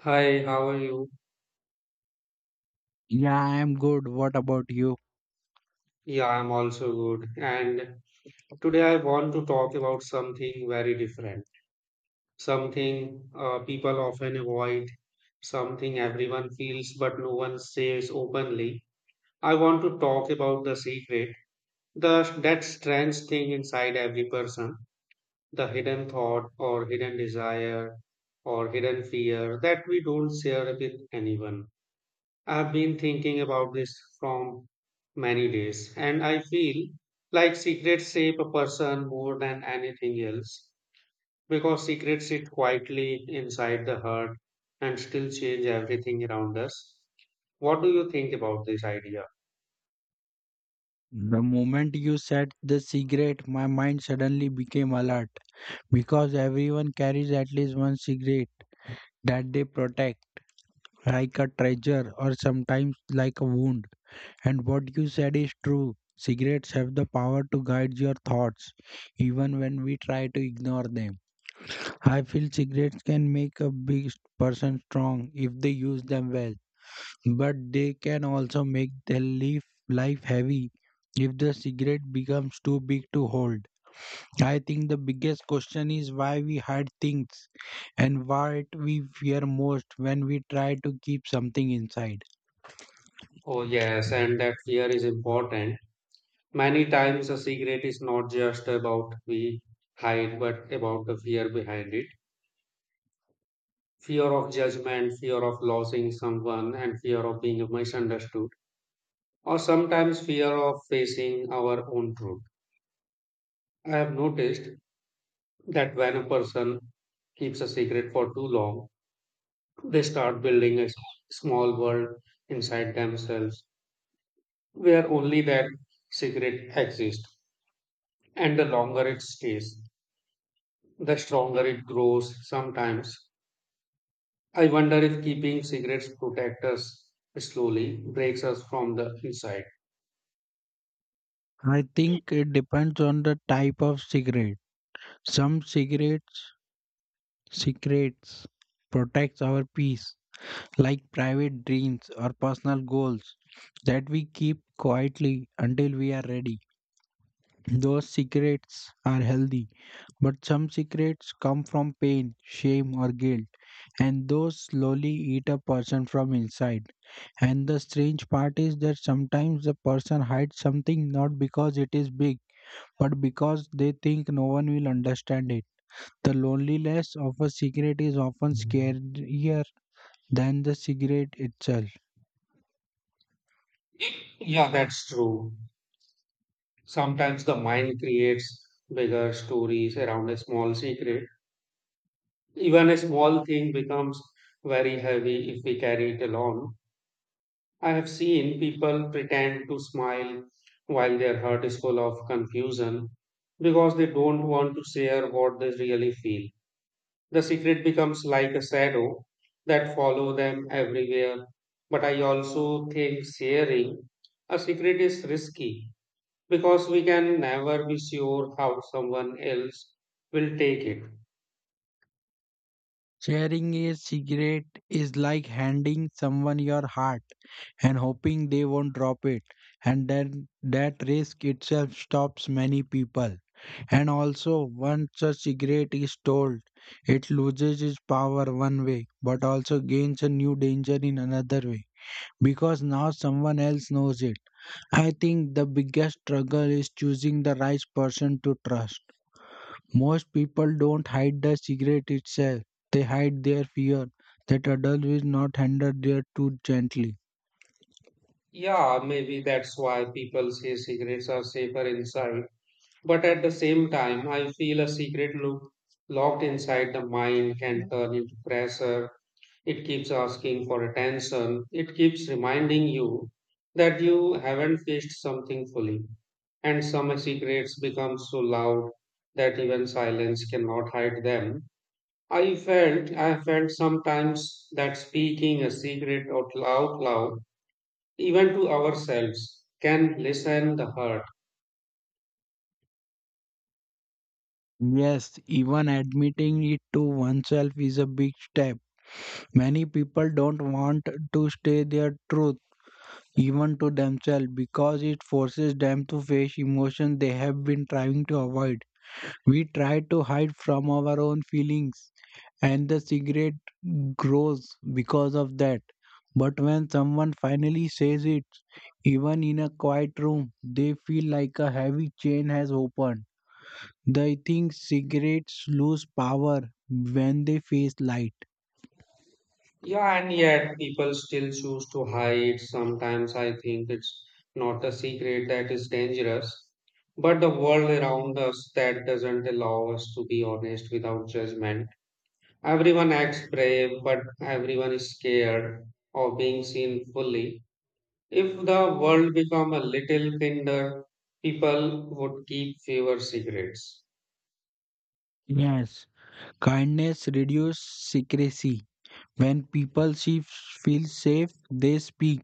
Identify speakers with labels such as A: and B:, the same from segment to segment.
A: Hi, how are you?
B: Yeah, I am good. What about you?
A: Yeah, I'm also good. And today I want to talk about something very different, something people often avoid, something everyone feels but no one says openly. I want to talk about the secret, the that strange thing inside every person, the hidden thought or hidden desire or hidden fear that we don't share with anyone. I've been thinking about this from many days, and I feel like secrets shape a person more than anything else because secrets sit quietly inside the heart and still change everything around us. What do you think about this idea?
B: The moment you said the cigarette, my mind suddenly became alert because everyone carries at least one cigarette that they protect, like a treasure or sometimes like a wound. And what you said is true. Cigarettes have the power to guide your thoughts, even when we try to ignore them. I feel cigarettes can make a big person strong if they use them well, but they can also make their leaf life heavy if the cigarette becomes too big to hold. I think the biggest question is why we hide things and what we fear most when we try to keep something inside.
A: Oh, yes, and that fear is important. Many times, a secret is not just about we hide, but about the fear behind it. Fear of judgment, fear of losing someone, and fear of being misunderstood or sometimes fear of facing our own truth. I have noticed that when a person keeps a secret for too long, they start building a small world inside themselves where only that secret exists. And the longer it stays, the stronger it grows sometimes. I wonder if keeping secrets protect us slowly breaks us from the inside.
B: I think it depends on the type of cigarette. Some cigarettes secrets protects our peace, like private dreams or personal goals that we keep quietly until we are ready. Those secrets are healthy, but some secrets come from pain, shame, or guilt, and those slowly eat a person from inside. And the strange part is that sometimes the person hides something not because it is big, but because they think no one will understand it. The loneliness of a secret is often scarier than the secret itself.
A: Yeah, that's true. Sometimes the mind creates bigger stories around a small secret. Even a small thing becomes very heavy if we carry it along. I have seen people pretend to smile while their heart is full of confusion because they don't want to share what they really feel. The secret becomes like a shadow that follow them everywhere. But I also think sharing a secret is risky because we can never be sure how someone else will take it.
B: Sharing a cigarette is like handing someone your heart and hoping they won't drop it. And then that risk itself stops many people. And also, once a cigarette is told, it loses its power one way, but also gains a new danger in another way, because now someone else knows it. I think the biggest struggle is choosing the right person to trust. Most people don't hide the cigarette itself. They hide their fear that adults will not handle their too gently.
A: Yeah, maybe that's why people say secrets are safer inside. But at the same time, I feel a secret look locked inside the mind can turn into pressure. It keeps asking for attention. It keeps reminding you that you haven't faced something fully. And some secrets become so loud that even silence cannot hide them. I felt sometimes that speaking a secret out loud, even to ourselves, can lessen the hurt.
B: Yes, even admitting it to oneself is a big step. Many people don't want to stay their truth even to themselves because it forces them to face emotions they have been trying to avoid. We try to hide from our own feelings and the cigarette grows because of that. But when someone finally says it, even in a quiet room, they feel like a heavy chain has opened. They think cigarettes lose power when they face light.
A: Yeah, and yet people still choose to hide. Sometimes I think it's not the secret that is dangerous, but the world around us that doesn't allow us to be honest without judgment. Everyone acts brave, but everyone is scared of being seen fully. If the world become a little kinder, people would keep fewer secrets.
B: Yes, kindness reduces secrecy. When people see, feel safe, they speak.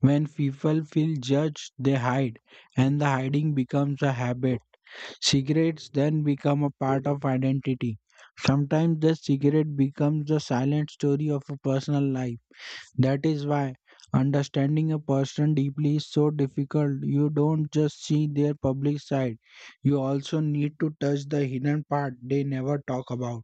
B: When people feel judged, they hide, and the hiding becomes a habit. Cigarettes then become a part of identity. Sometimes the cigarette becomes the silent story of a personal life. That is why understanding a person deeply is so difficult. You don't just see their public side, you also need to touch the hidden part they never talk about.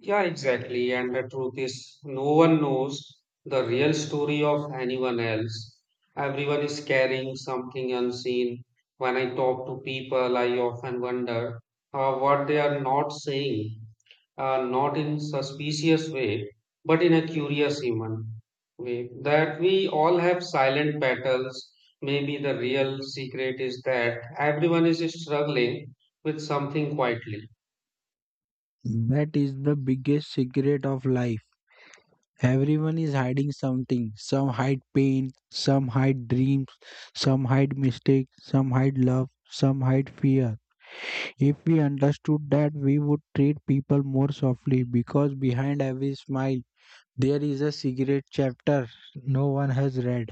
A: Yeah, exactly. And the truth is, no one knows the real story of anyone else. Everyone is carrying something unseen. When I talk to people, I often wonder what they are not saying. Not in suspicious way, but in a curious human way. That we all have silent battles. Maybe the real secret is that everyone is struggling with something quietly.
B: That is the biggest secret of life. Everyone is hiding something. Some hide pain, some hide dreams, some hide mistakes, some hide love, some hide fear. If we understood that, we would treat people more softly because behind every smile there is a secret chapter no one has read.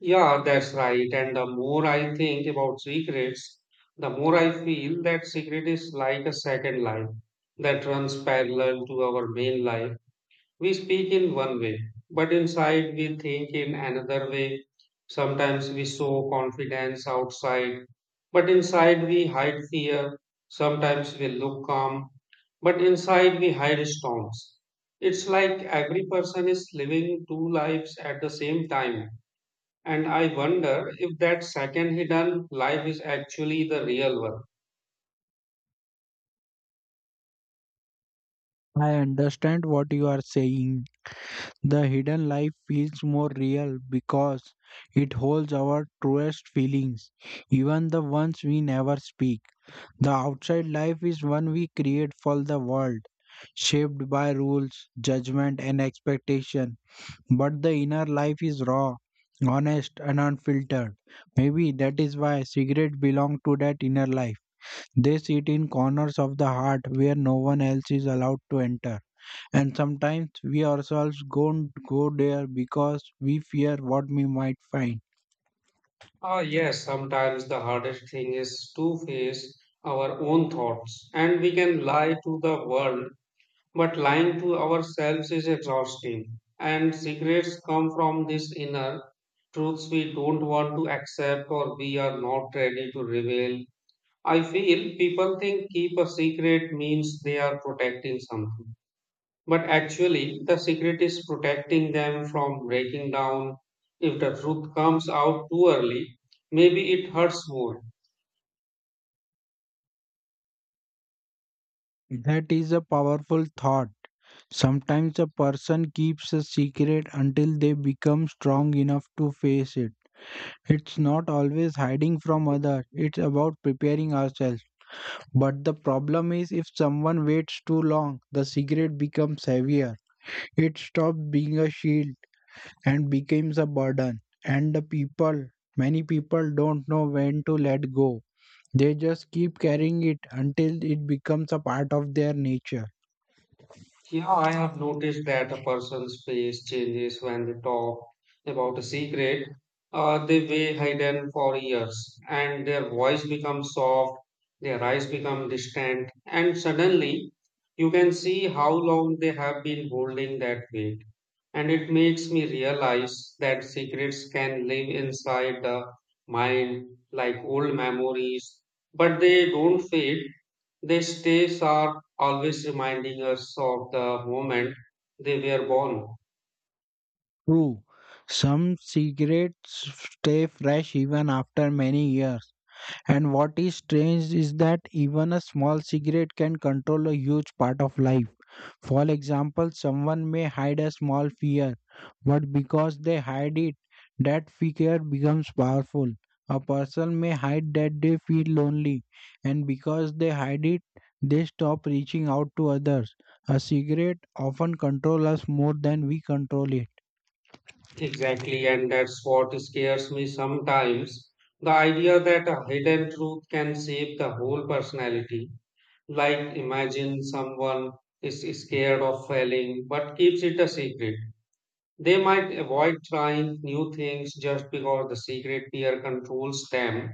A: Yeah, that's right. And the more I think about secrets, the more I feel that secret is like a second life that runs parallel to our main life. We speak in one way, but inside we think in another way. Sometimes we show confidence outside, but inside we hide fear. Sometimes we look calm, but inside we hide storms. It's like every person is living two lives at the same time. And I wonder if that second hidden life is actually the real one.
B: I understand what you are saying. The hidden life feels more real because it holds our truest feelings, even the ones we never speak. The outside life is one we create for the world, shaped by rules, judgment, and expectation. But the inner life is raw, honest, and unfiltered. Maybe that is why cigarettes belong to that inner life. They sit in corners of the heart where no one else is allowed to enter. And sometimes we ourselves don't go there because we fear what we might find.
A: Ah, yes, sometimes the hardest thing is to face our own thoughts, and we can lie to the world, but lying to ourselves is exhausting. And secrets come from this inner truths we don't want to accept or we are not ready to reveal. I feel people think keep a secret means they are protecting something. But actually, the secret is protecting them from breaking down. If the truth comes out too early, maybe it hurts more.
B: That is a powerful thought. Sometimes a person keeps a secret until they become strong enough to face it. It's not always hiding from others, it's about preparing ourselves. But the problem is if someone waits too long, the cigarette becomes heavier. It stops being a shield and becomes a burden. And the people, many people don't know when to let go. They just keep carrying it until it becomes a part of their nature.
A: Yeah, I have noticed that a person's face changes when they talk about a secret they way hidden for years, and their voice becomes soft, their eyes become distant, and suddenly you can see how long they have been holding that weight. And it makes me realize that secrets can live inside the mind like old memories, but they don't fade these days are always reminding us of the moment they were born.
B: True, some cigarettes stay fresh even after many years. And what is strange is that even a small cigarette can control a huge part of life. For example, someone may hide a small fear, but because they hide it, that fear becomes powerful. A person may hide that they feel lonely, and because they hide it, they stop reaching out to others. A cigarette often controls us more than we control it.
A: Exactly, and that's what scares me sometimes. The idea that a hidden truth can shape the whole personality. Like, imagine someone is scared of failing but keeps it a secret. They might avoid trying new things just because the secret fear controls them.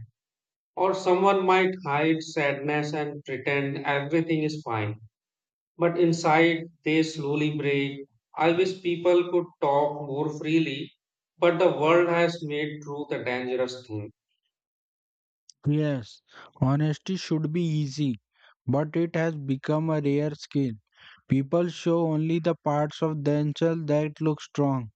A: Or someone might hide sadness and pretend everything is fine but inside they slowly break. I wish people could talk more freely, but the world has made truth a dangerous thing.
B: Yes, honesty should be easy, but it has become a rare skill. People show only the parts of themselves that look strong.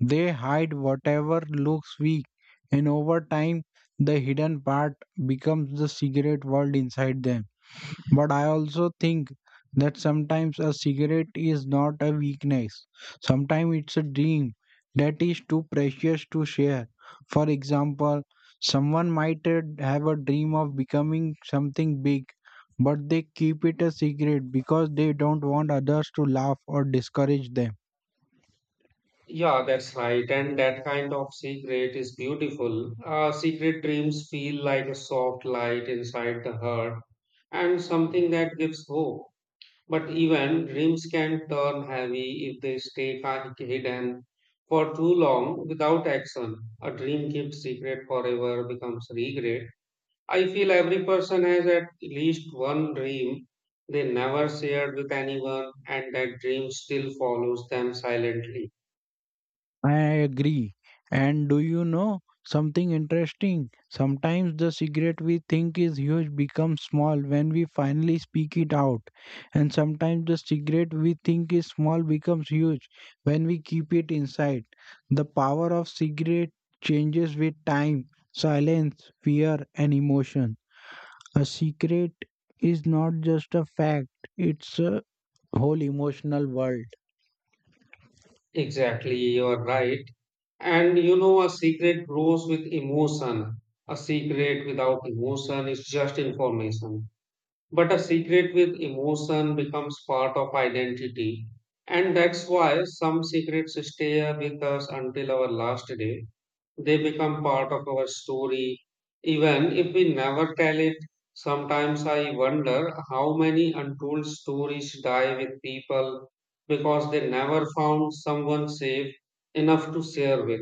B: They hide whatever looks weak, and over time, the hidden part becomes the cigarette world inside them. But I also think that sometimes a cigarette is not a weakness, sometimes it's a dream that is too precious to share. For example, someone might have a dream of becoming something big, but they keep it a secret because they don't want others to laugh or discourage them.
A: Yeah, that's right. And that kind of secret is beautiful. Secret dreams feel like a soft light inside the heart and something that gives hope. But even dreams can turn heavy if they stay hidden for too long without action. A dream kept secret forever becomes regret. I feel every person has at least one dream they never shared with anyone, and that dream still follows them silently.
B: I agree. And do you know something interesting? Sometimes the secret we think is huge becomes small when we finally speak it out. And sometimes the secret we think is small becomes huge when we keep it inside. The power of secret changes with time, silence, fear, and emotion. A secret is not just a fact, it's a whole emotional world.
A: Exactly, you're right. And you know, a secret grows with emotion. A secret without emotion is just information. But a secret with emotion becomes part of identity. And that's why some secrets stay with us until our last day. They become part of our story, even if we never tell it. Sometimes I wonder how many untold stories die with people because they never found someone safe enough to share with.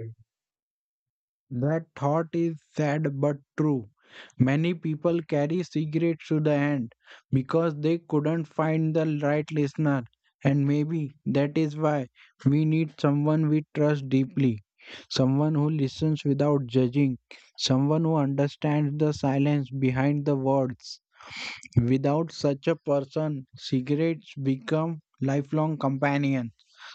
B: That thought is sad but true. Many people carry cigarettes to the end because they couldn't find the right listener, and maybe that is why we need someone we trust deeply, someone who listens without judging, someone who understands the silence behind the words. Without such a person, cigarettes become lifelong companions.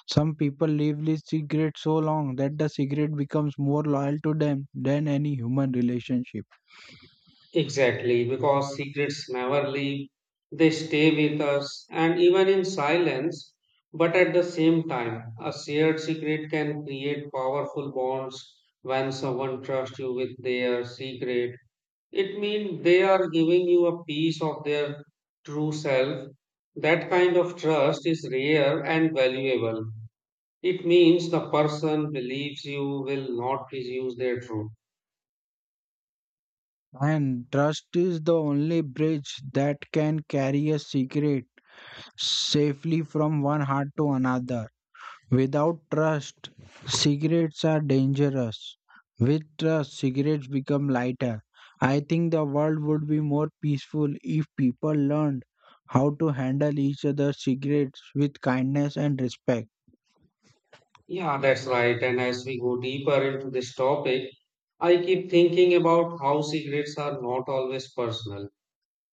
B: Some people leave the cigarette so long that the cigarette becomes more loyal to them than any human relationship.
A: Exactly, because secrets never leave, they stay with us and even in silence. But at the same time, a shared secret can create powerful bonds when someone trusts you with their secret. It means they are giving you a piece of their true self. That kind of trust is rare and valuable. It means the person believes you will not misuse their truth.
B: And trust is the only bridge that can carry a cigarette safely from one heart to another. Without trust, cigarettes are dangerous. With trust, cigarettes become lighter. I think the world would be more peaceful if people learned how to handle each other's cigarettes with kindness and respect.
A: Yeah, that's right. And as we go deeper into this topic, I keep thinking about how secrets are not always personal.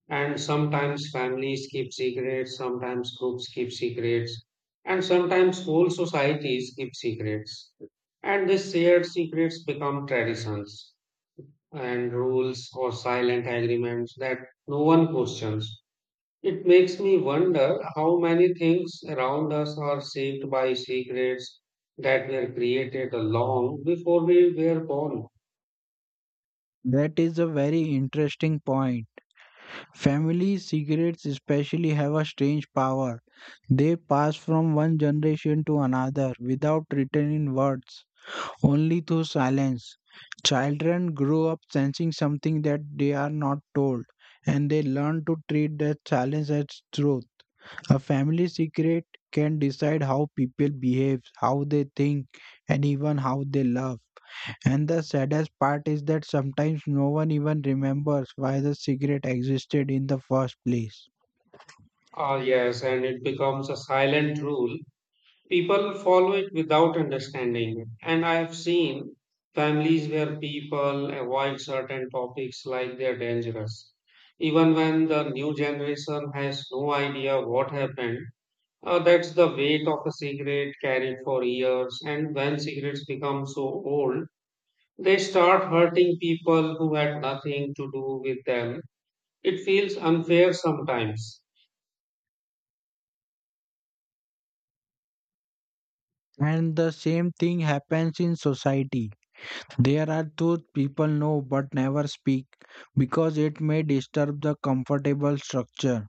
A: And sometimes families keep secrets, sometimes groups keep secrets, and sometimes whole societies keep secrets. And these shared secrets become traditions and rules or silent agreements that no one questions. It makes me wonder how many things around us are shaped by secrets that were created long before we were born.
B: That is a very interesting point. Family secrets, especially, have a strange power. They pass from one generation to another without written in words, only through silence. Children grow up sensing something that they are not told, and they learn to treat that silence as truth. A family secret can decide how people behave, how they think, and even how they love. And the saddest part is that sometimes no one even remembers why the cigarette existed in the first place.
A: Ah, yes, and it becomes a silent rule. People follow it without understanding it. And I have seen families where people avoid certain topics like they're dangerous. Even when the new generation has no idea what happened, that's the weight of a cigarette carried for years. And when cigarettes become so old, they start hurting people who had nothing to do with them. It feels unfair sometimes.
B: And the same thing happens in society. There are truths people know but never speak because it may disturb the comfortable structure.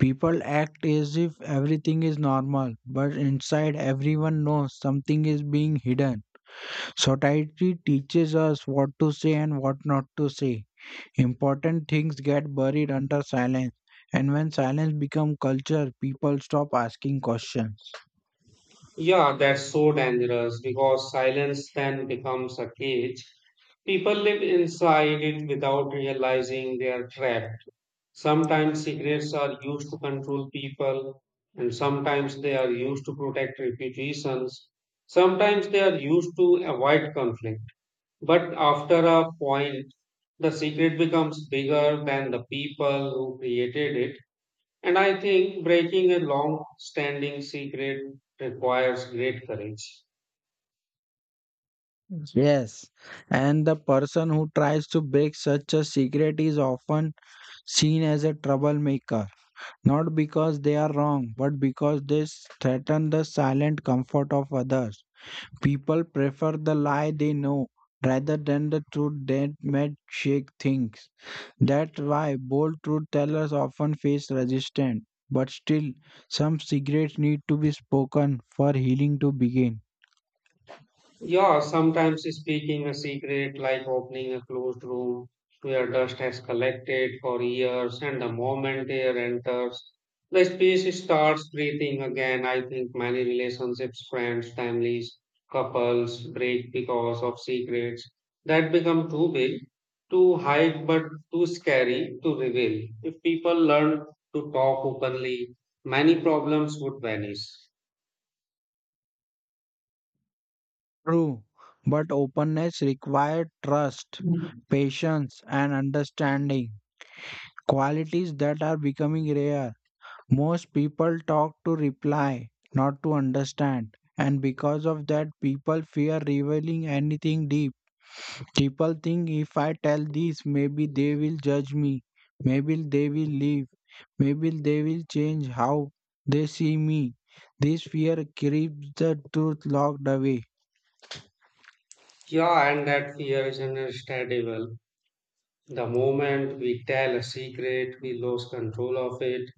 B: People act as if everything is normal, but inside everyone knows something is being hidden. Society teaches us what to say and what not to say. Important things get buried under silence, and when silence becomes culture, people stop asking questions.
A: Yeah, that's so dangerous because silence then becomes a cage. People live inside it without realizing they are trapped. Sometimes secrets are used to control people, and sometimes they are used to protect reputations. Sometimes they are used to avoid conflict. But after a point, the secret becomes bigger than the people who created it. And I think breaking a long standing secret requires great courage.
B: Yes, and the person who tries to break such a secret is often seen as a troublemaker, not because they are wrong, but because they threaten the silent comfort of others. People prefer the lie they know rather than the truth that might shake things. That's why bold truth tellers often face resistance. But still, some secrets need to be spoken for healing to begin.
A: Yeah, sometimes speaking a secret, like opening a closed room where dust has collected for years, and the moment air enters, the space starts breathing again. I think many relationships, friends, families, couples break because of secrets that become too big to hide but too scary to reveal. If people learn to talk openly, many problems would vanish.
B: True, but openness requires trust, patience, and understanding. Qualities that are becoming rare. Most people talk to reply, not to understand. And because of that, people fear revealing anything deep. People think if I tell this, maybe they will judge me. Maybe they will leave. Maybe they will change how they see me. This fear keeps the truth locked away.
A: Yeah, and that fear is understandable. The moment we tell a secret, we lose control of it.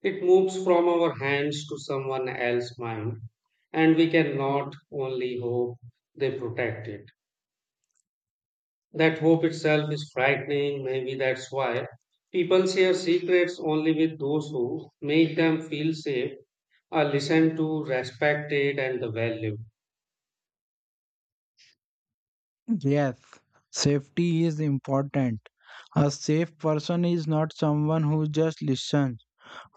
A: It moves from our hands to someone else's mind, and we cannot only hope they protect it. That hope itself is frightening. Maybe that's why people share secrets only with those who make them feel safe, are listened to, respected, and valued.
B: Yes, safety is important. A safe person is not someone who just listens.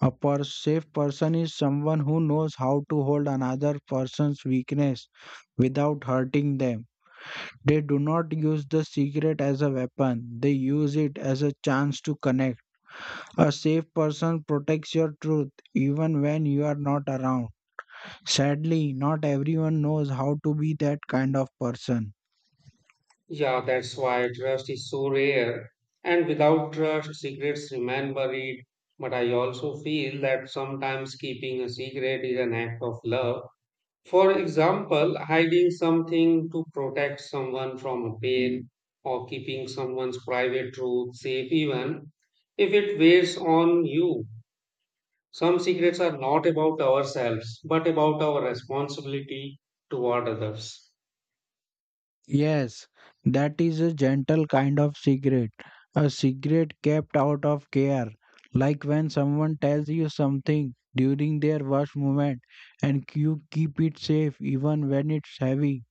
B: Safe person is someone who knows how to hold another person's weakness without hurting them. They do not use the secret as a weapon, they use it as a chance to connect. A safe person protects your truth even when you are not around. Sadly, not everyone knows how to be that kind of person.
A: Yeah, that's why trust is so rare. And without trust, secrets remain buried. But I also feel that sometimes keeping a secret is an act of love. For example, hiding something to protect someone from a pain or keeping someone's private truth safe, even if it weighs on you. Some secrets are not about ourselves, but about our responsibility toward others.
B: Yes, that is a gentle kind of secret, a secret kept out of care. Like when someone tells you something during their worst moment and you keep it safe even when it's heavy,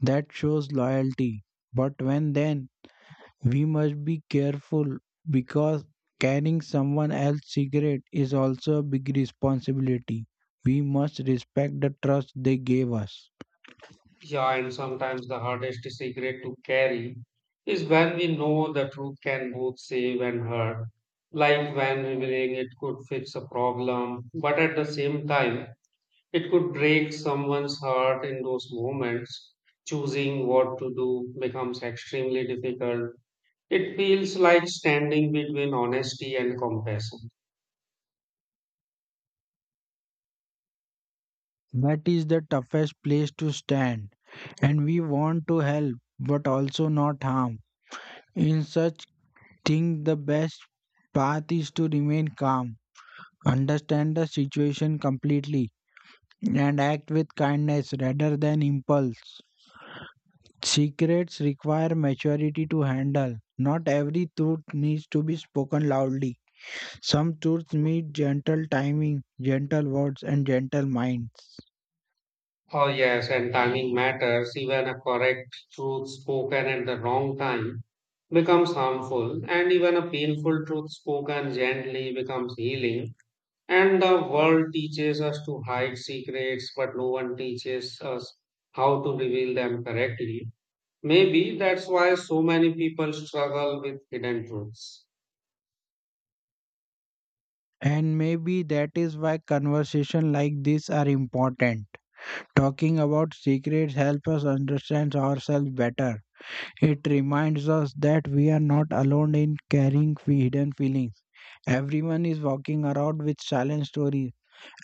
B: that shows loyalty. But when then we must be careful because carrying someone else's secret is also a big responsibility. We must respect the trust they gave us.
A: Yeah, and sometimes the hardest secret to carry is when we know the truth can both save and hurt. Like when revealing it could fix a problem, but at the same time, it could break someone's heart in those moments. Choosing what to do becomes extremely difficult. It feels like standing between honesty and compassion.
B: That is the toughest place to stand, and we want to help but also not harm. In such things, the best path is to remain calm, understand the situation completely, and act with kindness rather than impulse. Secrets require maturity to handle. Not every truth needs to be spoken loudly. Some truths need gentle timing, gentle words, and gentle minds.
A: Oh, yes, and timing matters. Even a correct truth spoken at the wrong time becomes harmful, and even a painful truth spoken gently becomes healing. And the world teaches us to hide secrets, but no one teaches us how to reveal them correctly. Maybe that's why so many people struggle with hidden truths.
B: And maybe that is why conversations like this are important. Talking about secrets helps us understand ourselves better. It reminds us that we are not alone in carrying hidden feelings. Everyone is walking around with silent stories,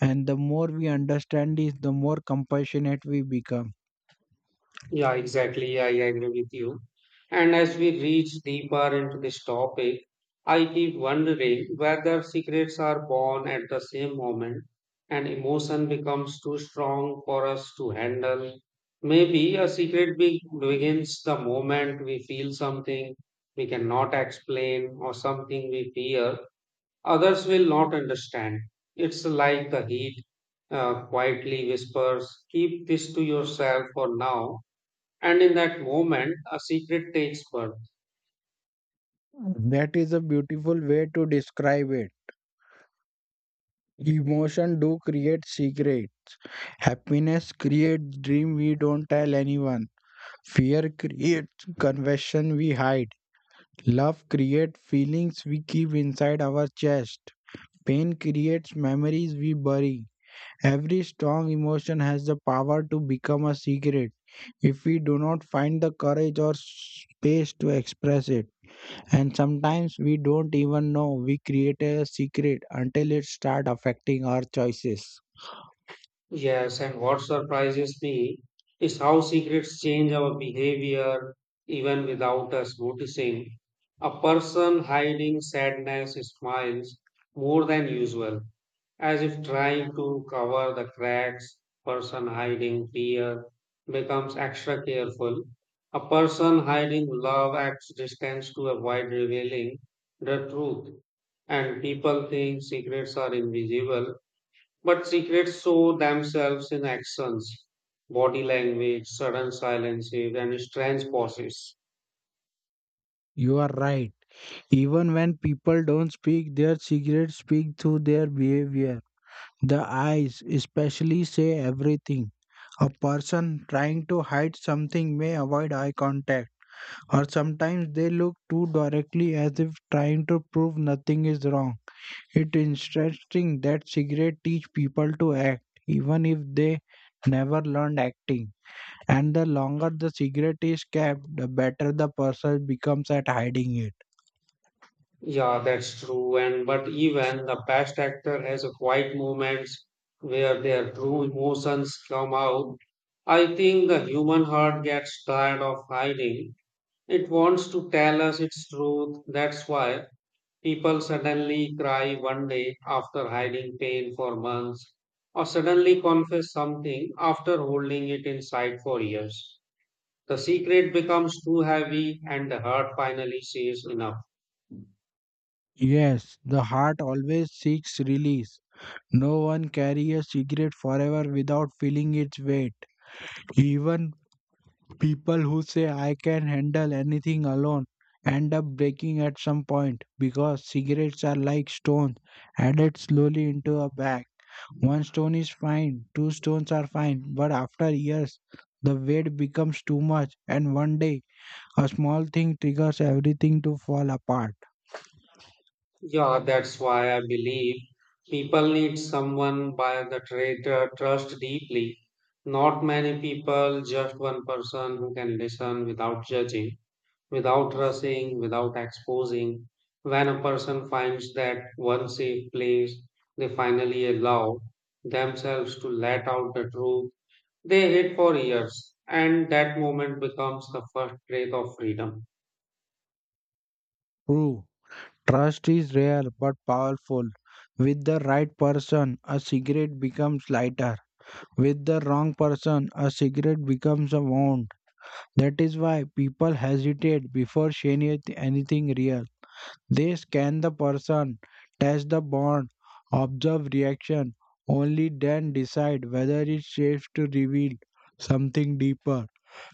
B: and the more we understand is the more compassionate we become.
A: Yeah, exactly. Yeah, I agree with you. And as we reach deeper into this topic, I keep wondering whether secrets are born at the same moment and emotion becomes too strong for us to handle. Maybe a secret begins the moment we feel something we cannot explain or something we fear others will not understand. It's like the heat quietly whispers, keep this to yourself for now and in that moment, a secret takes birth.
B: That is a beautiful way to describe it. Emotion do create secret. Happiness creates dream we don't tell anyone. Fear creates confession we hide. Love creates feelings we keep inside our chest. Pain creates memories we bury. Every strong emotion has the power to become a secret if we do not find the courage or space to express it. And sometimes we don't even know we create a secret until it start affecting our choices.
A: Yes, and what surprises me is how secrets change our behavior even without us noticing. A person hiding sadness smiles more than usual, as if trying to cover the cracks. Person hiding fear becomes extra careful. A person hiding love acts distance to avoid revealing the truth. And people think secrets are invisible, but secrets show themselves in actions, body language, sudden silences, and strange pauses.
B: You are right. Even when people don't speak, their secrets speak through their behavior. The eyes especially say everything. A person trying to hide something may avoid eye contact, or sometimes they look too directly as if trying to prove nothing is wrong. It's interesting that cigarettes teach people to act, even if they never learned acting. And the longer the cigarette is kept, the better the person becomes at hiding it.
A: Yeah, that's true. And but even the best actor has a quiet moments where their true emotions come out. I think the human heart gets tired of hiding. It wants to tell us its truth. That's why people suddenly cry one day after hiding pain for months, or suddenly confess something after holding it inside for years. The secret becomes too heavy, and the heart finally says enough.
B: Yes, the heart always seeks release. No one carries a cigarette forever without feeling its weight. Even people who say, I can handle anything alone, end up breaking at some point because cigarettes are like stones added slowly into a bag. One stone is fine, two stones are fine, but after years, the weight becomes too much, and one day, a small thing triggers everything to fall apart.
A: Yeah, that's why I believe people need someone by the traitor trust deeply. Not many people, just one person who can listen without judging, without rushing, without exposing. When a person finds that one safe place, they finally allow themselves to let out the truth they hid for years, and that moment becomes the first breath of freedom.
B: True, trust is rare but powerful. With the right person, a cigarette becomes lighter. With the wrong person, a cigarette becomes a wound. That is why people hesitate before sharing anything real. They scan the person, test the bond, observe reaction, only then decide whether it's safe to reveal something deeper.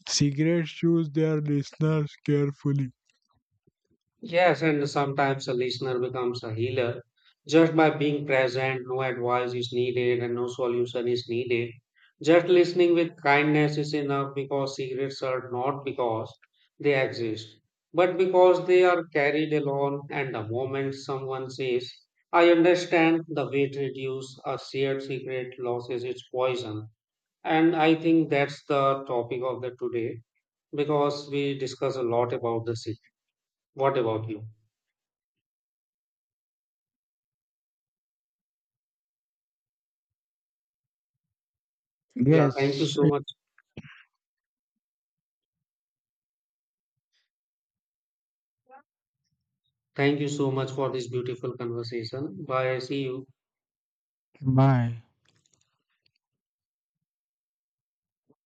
B: Cigarettes choose their listeners carefully.
A: Yes, and sometimes a listener becomes a healer just by being present. No advice is needed and no solution is needed. Just listening with kindness is enough because secrets are not because they exist, but because they are carried alone. And the moment someone says, I understand, the weight reduces a shared secret loses its poison. And I think that's the topic of the today because we discuss a lot about the secret. What about you? Yeah, thank you
B: Yes,
A: so much. Thank you so much for this beautiful conversation. Bye. See you.
B: my.